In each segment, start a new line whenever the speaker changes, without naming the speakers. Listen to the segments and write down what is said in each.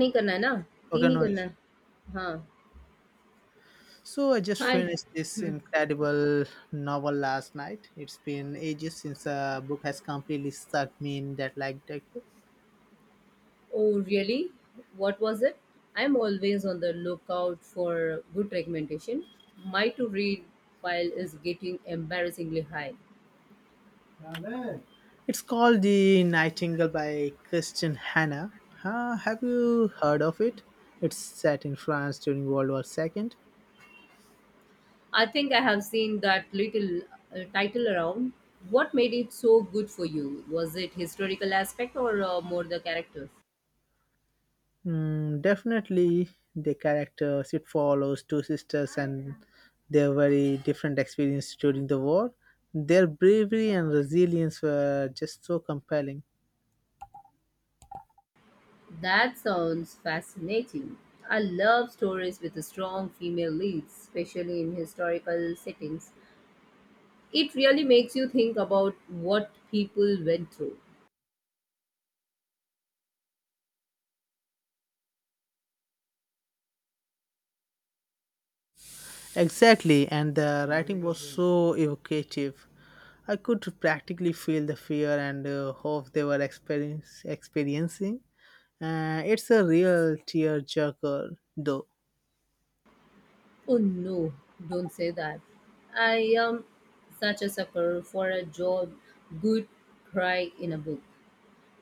नहीं करना है ना तीन
Okay,
ही
no
करना
issue.
है हाँ
So I just
Hi.
finished this
Hmm.
incredible novel last night. It's been ages since a book has completely stuck me in that like that.
Oh really, what was it? I'm always on the lookout for good recommendation. My to read pile is getting embarrassingly high.
It's called The Nightingale by Christian Hanna. Have you heard of it? It's set in France during World War Second.
I think I have seen that little title around. What made it so good for you? Was it historical aspect or more the characters?
Mm, definitely, the characters it follows two sisters and their very different experiences during the war. Their bravery and resilience were just so compelling.
That sounds fascinating. I love stories with strong female leads, especially in historical settings. It really makes you think about what people went through.
Exactly, and the writing was so evocative. I could practically feel the fear and hope they were experiencing. It's a real tearjerker, though.
Oh no, don't say that. I am such a sucker for a job, good cry in a book.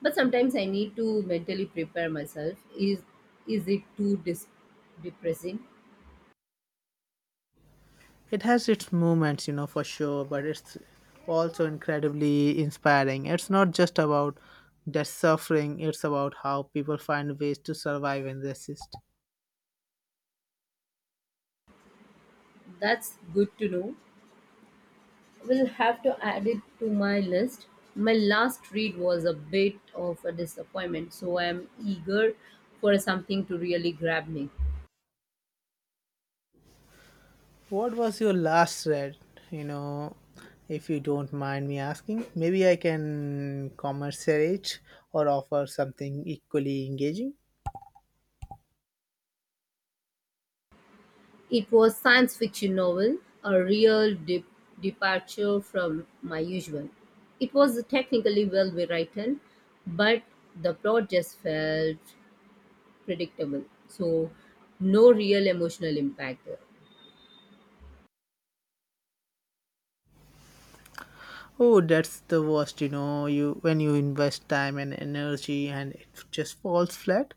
But sometimes I need to mentally prepare myself. Is it too depressing?
It has its moments, you know, for sure, but it's also incredibly inspiring. It's not just about the suffering, it's about how people find ways to survive and resist.
That's good to know. Will have to add it to my list. My last read was a bit of a disappointment, so I am eager for something to really grab me.
What was your last read? You know, if you don't mind me asking, maybe I can commercialize or offer something equally engaging.
It was science fiction novel, a real departure from my usual. It was technically well written, but the plot just felt predictable. So no real emotional impact there.
Oh, that's the worst, you know, you when you invest time and energy and it just falls flat.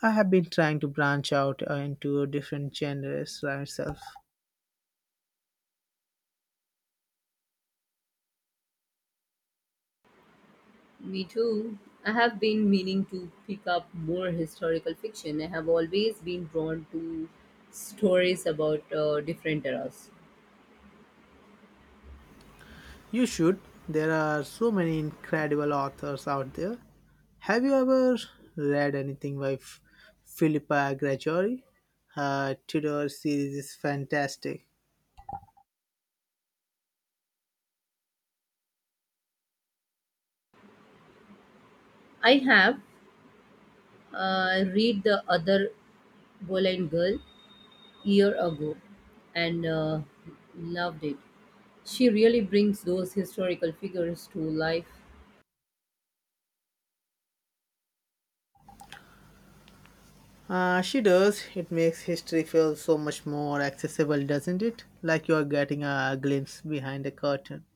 I have been trying to branch out into different genres myself.
Me too. I have been meaning to pick up more historical fiction. I have always been drawn to stories about different eras.
You should. There are so many incredible authors out there. Have you ever read anything by Philippa Gracchi? Her Tudor series is fantastic.
I have read the other Boleyn Girl year ago and loved it. She really brings those historical figures to life.
She does. It makes history feel so much more accessible, doesn't it? Like you are getting a glimpse behind the curtain.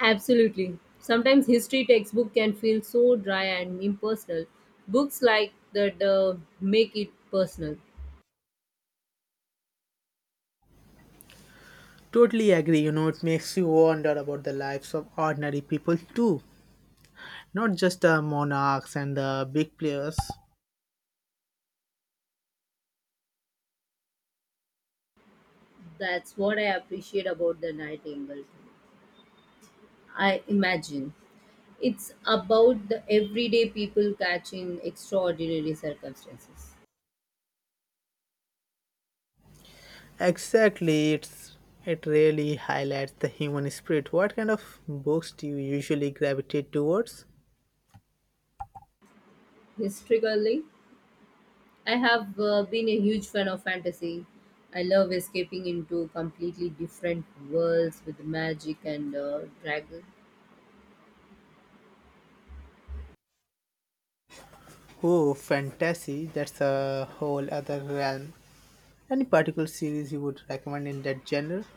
Absolutely. Sometimes history textbook can feel so dry and impersonal. Books like that make it personal.
Totally agree. You know, it makes you wonder about the lives of ordinary people too, not just the monarchs and the big players.
That's what I appreciate about the Nightingale. I imagine it's about the everyday people catching extraordinary circumstances.
Exactly, it really highlights the human spirit. What kind of books do you usually gravitate towards?
Historically, I have been a huge fan of fantasy. I love escaping into completely different worlds with magic and dragon.
Oh, fantasy, that's a whole other realm. Any particular series you would recommend in that genre?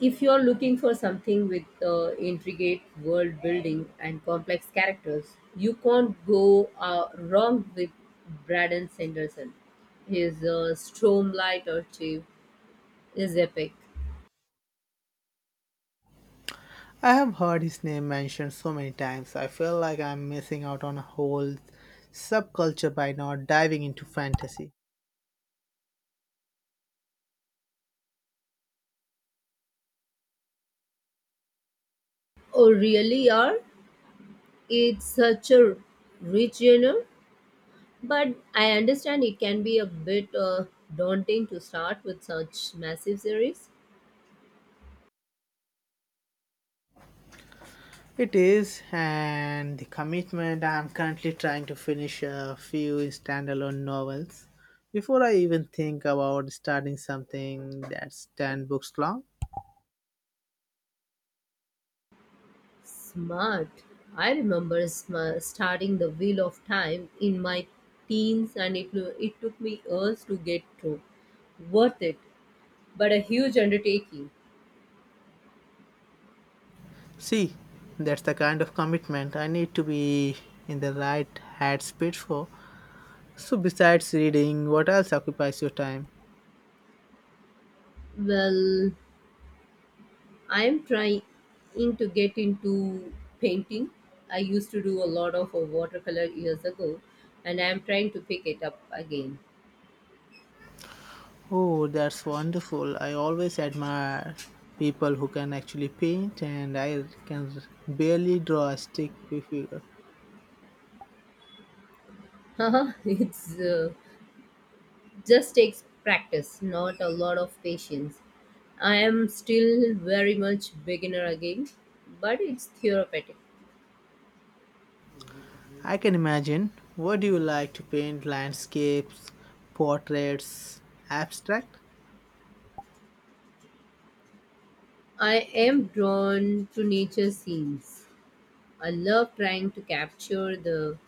If you're looking for something with intricate world building and complex characters, you can't go wrong with Braden Sanderson. His Stormlight Archive is epic.
I have heard his name mentioned so many times. I feel like I'm missing out on a whole subculture by not diving into fantasy.
Oh, really? Are it's such a rich genre? But I understand it can be a bit daunting to start with such massive series.
It is, and the commitment. I'm currently trying to finish a few standalone novels before I even think about starting something that's 10 books long.
Smart. I remember starting The Wheel of Time in my teens and it took me years to get through. Worth it, but a huge undertaking.
See, that's the kind of commitment I need to be in the right headspace for. So, besides reading, what else occupies your time?
Well, I'm trying to get into painting. I used to do a lot of watercolor years ago and I'm trying to pick it up again.
Oh, that's wonderful. I always admire people who can actually paint, and I can barely draw a stick figure.
Haha, it's just takes practice, not a lot of patience. I am still very much beginner again, but it's therapeutic.
I can imagine. What do you like to paint? Landscapes, portraits, abstract?
I am drawn to nature scenes. I love trying to capture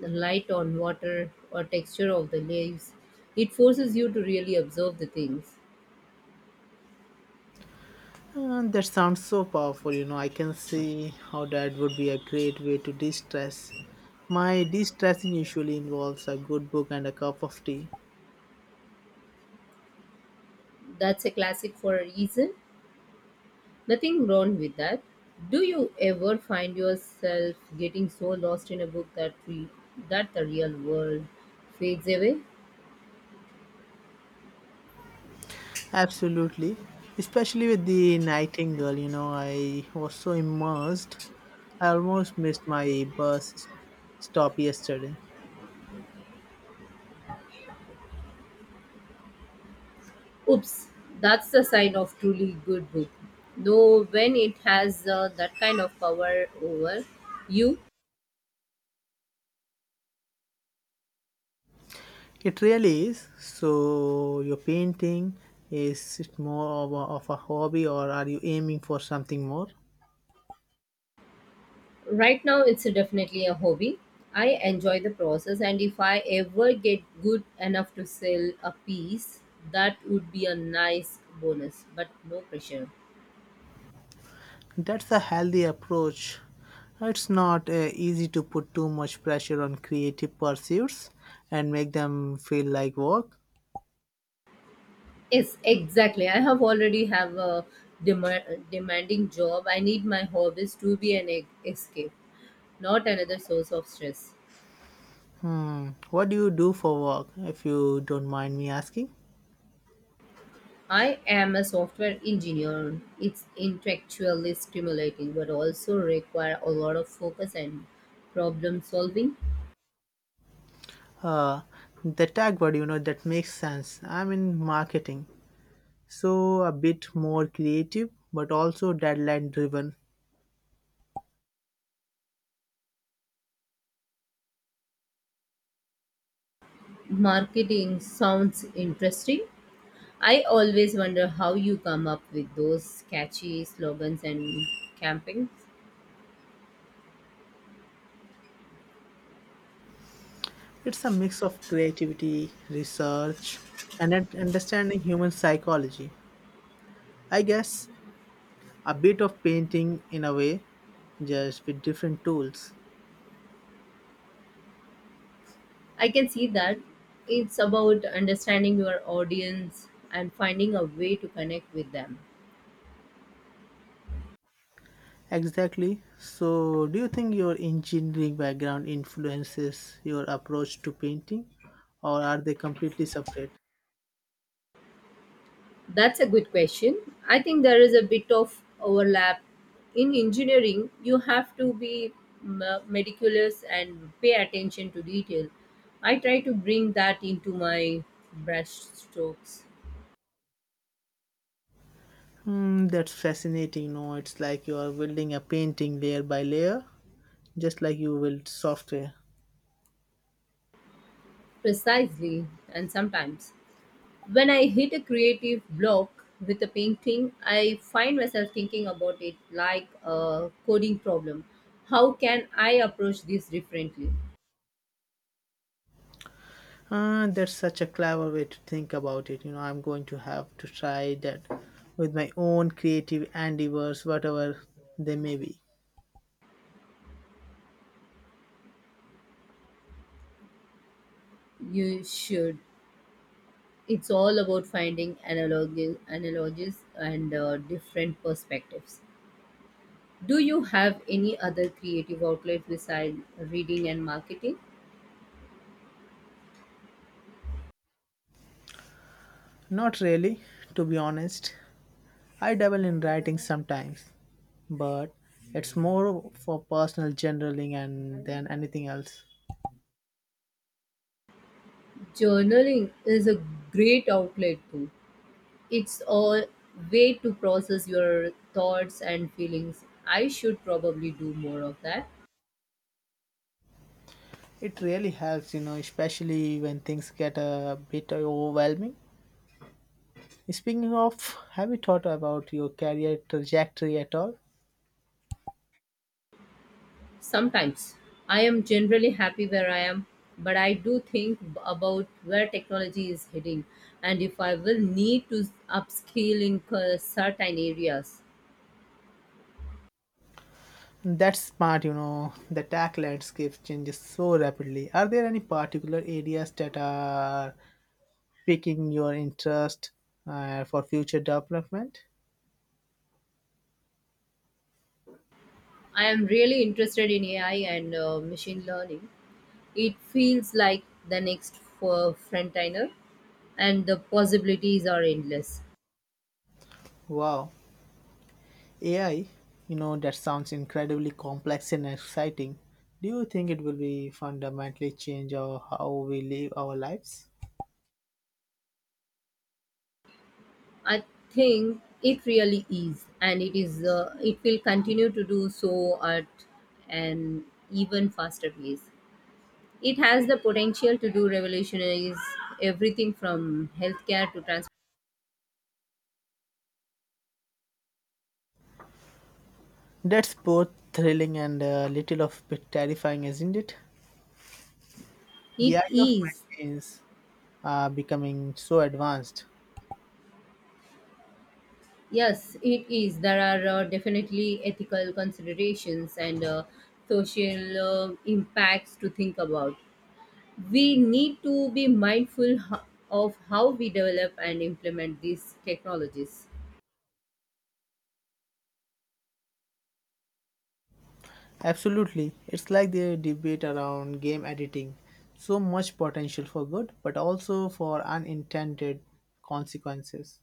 the light on water or texture of the leaves. It forces you to really observe the things.
That sounds so powerful. You know, I can see how that would be a great way to de stress. My de stressing usually involves a good book and a cup of tea.
That's a classic for a reason. Nothing wrong with that. Do you ever find yourself getting so lost in a book that the real world fades away?
Absolutely. Especially with the Nightingale, you know, I was so immersed. I almost missed my bus stop yesterday.
Oops, that's the sign of truly good book. Though when it has that kind of power over you,
It really is. So, your painting is it more of a hobby, or are you aiming for something more?
right now it's definitely a hobby. I enjoy the process, and if I ever get good enough to sell a piece, that would be a nice bonus, but no pressure.
That's a healthy approach. It's not easy to put too much pressure on creative pursuits and make them feel like work.
Yes, exactly. I have already have a demanding job. I need my hobbies to be an escape, not another source of stress.
Hmm. What do you do for work, if you don't mind me asking?
I am a software engineer. It's intellectually stimulating, but also require a lot of focus and problem solving.
Uh, the tag word, you know, that makes sense. I'm in marketing. So a bit more creative, but also deadline driven.
Marketing sounds interesting. I always wonder how you come up with those catchy slogans and campaigns.
It's a mix of creativity, research, and understanding human psychology. I guess a bit of painting in a way, just with different tools.
I can see that it's about understanding your audience and finding a way to connect with them.
Exactly. So, do you think your engineering background influences your approach to painting, or are they completely separate?
That's a good question. I think there is a bit of overlap. In engineering, you have to be meticulous and pay attention to detail. I try to bring that into my brush strokes
Hmm, that's fascinating. No, it's like you are building a painting layer by layer, just like you build software.
precisely and sometimes when I hit a creative block with a painting, I find myself thinking about it like a coding problem. How can I approach this differently?
Ah, that's such a clever way to think about it. You know, I'm going to have to try that with my own creative endeavors, whatever they may be.
You should. It's all about finding analogies and different perspectives. Do you have any other creative outlet besides reading and marketing?
Not really, to be honest. I dabble in writing sometimes, but it's more for personal journaling and than anything else.
Journaling is a great outlet too. It's a way to process your thoughts and feelings. I should probably do more of that.
It really helps, you know, especially when things get a bit overwhelming. Speaking of, have you thought about your career trajectory at all?
Sometimes I am generally happy where I am, but I do think about where technology is heading and if I will need to upskill in certain areas.
That's smart, you know. The tech landscape changes so rapidly. Are there any particular areas that are piquing your interest for future development?
I am really interested in AI and machine learning. It feels like the next for frontliner, and the possibilities are endless.
Wow, AI, you know, that sounds incredibly complex and exciting. Do you think it will be fundamentally change how we live our lives?
I think it really is, and it is. It will continue to do so at an even faster pace. It has the potential to do revolutionize everything from healthcare to transport.
That's both thrilling and a little of bit terrifying, isn't it? The
It
idea of
is.
machines becoming so advanced.
Yes, it is. There are definitely ethical considerations and social impacts to think about. We need to be mindful of how we develop and implement these technologies.
Absolutely. It's like the debate around game editing. So much potential for good, but also for unintended consequences.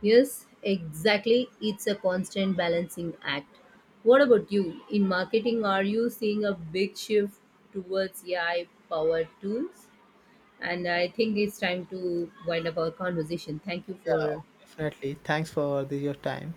Yes, exactly. It's a constant balancing act. What about you? In marketing, are you seeing a big shift towards AI powered tools? And I think it's time to wind up our conversation. Thank you
Yeah,
for
definitely. Thanks for your time.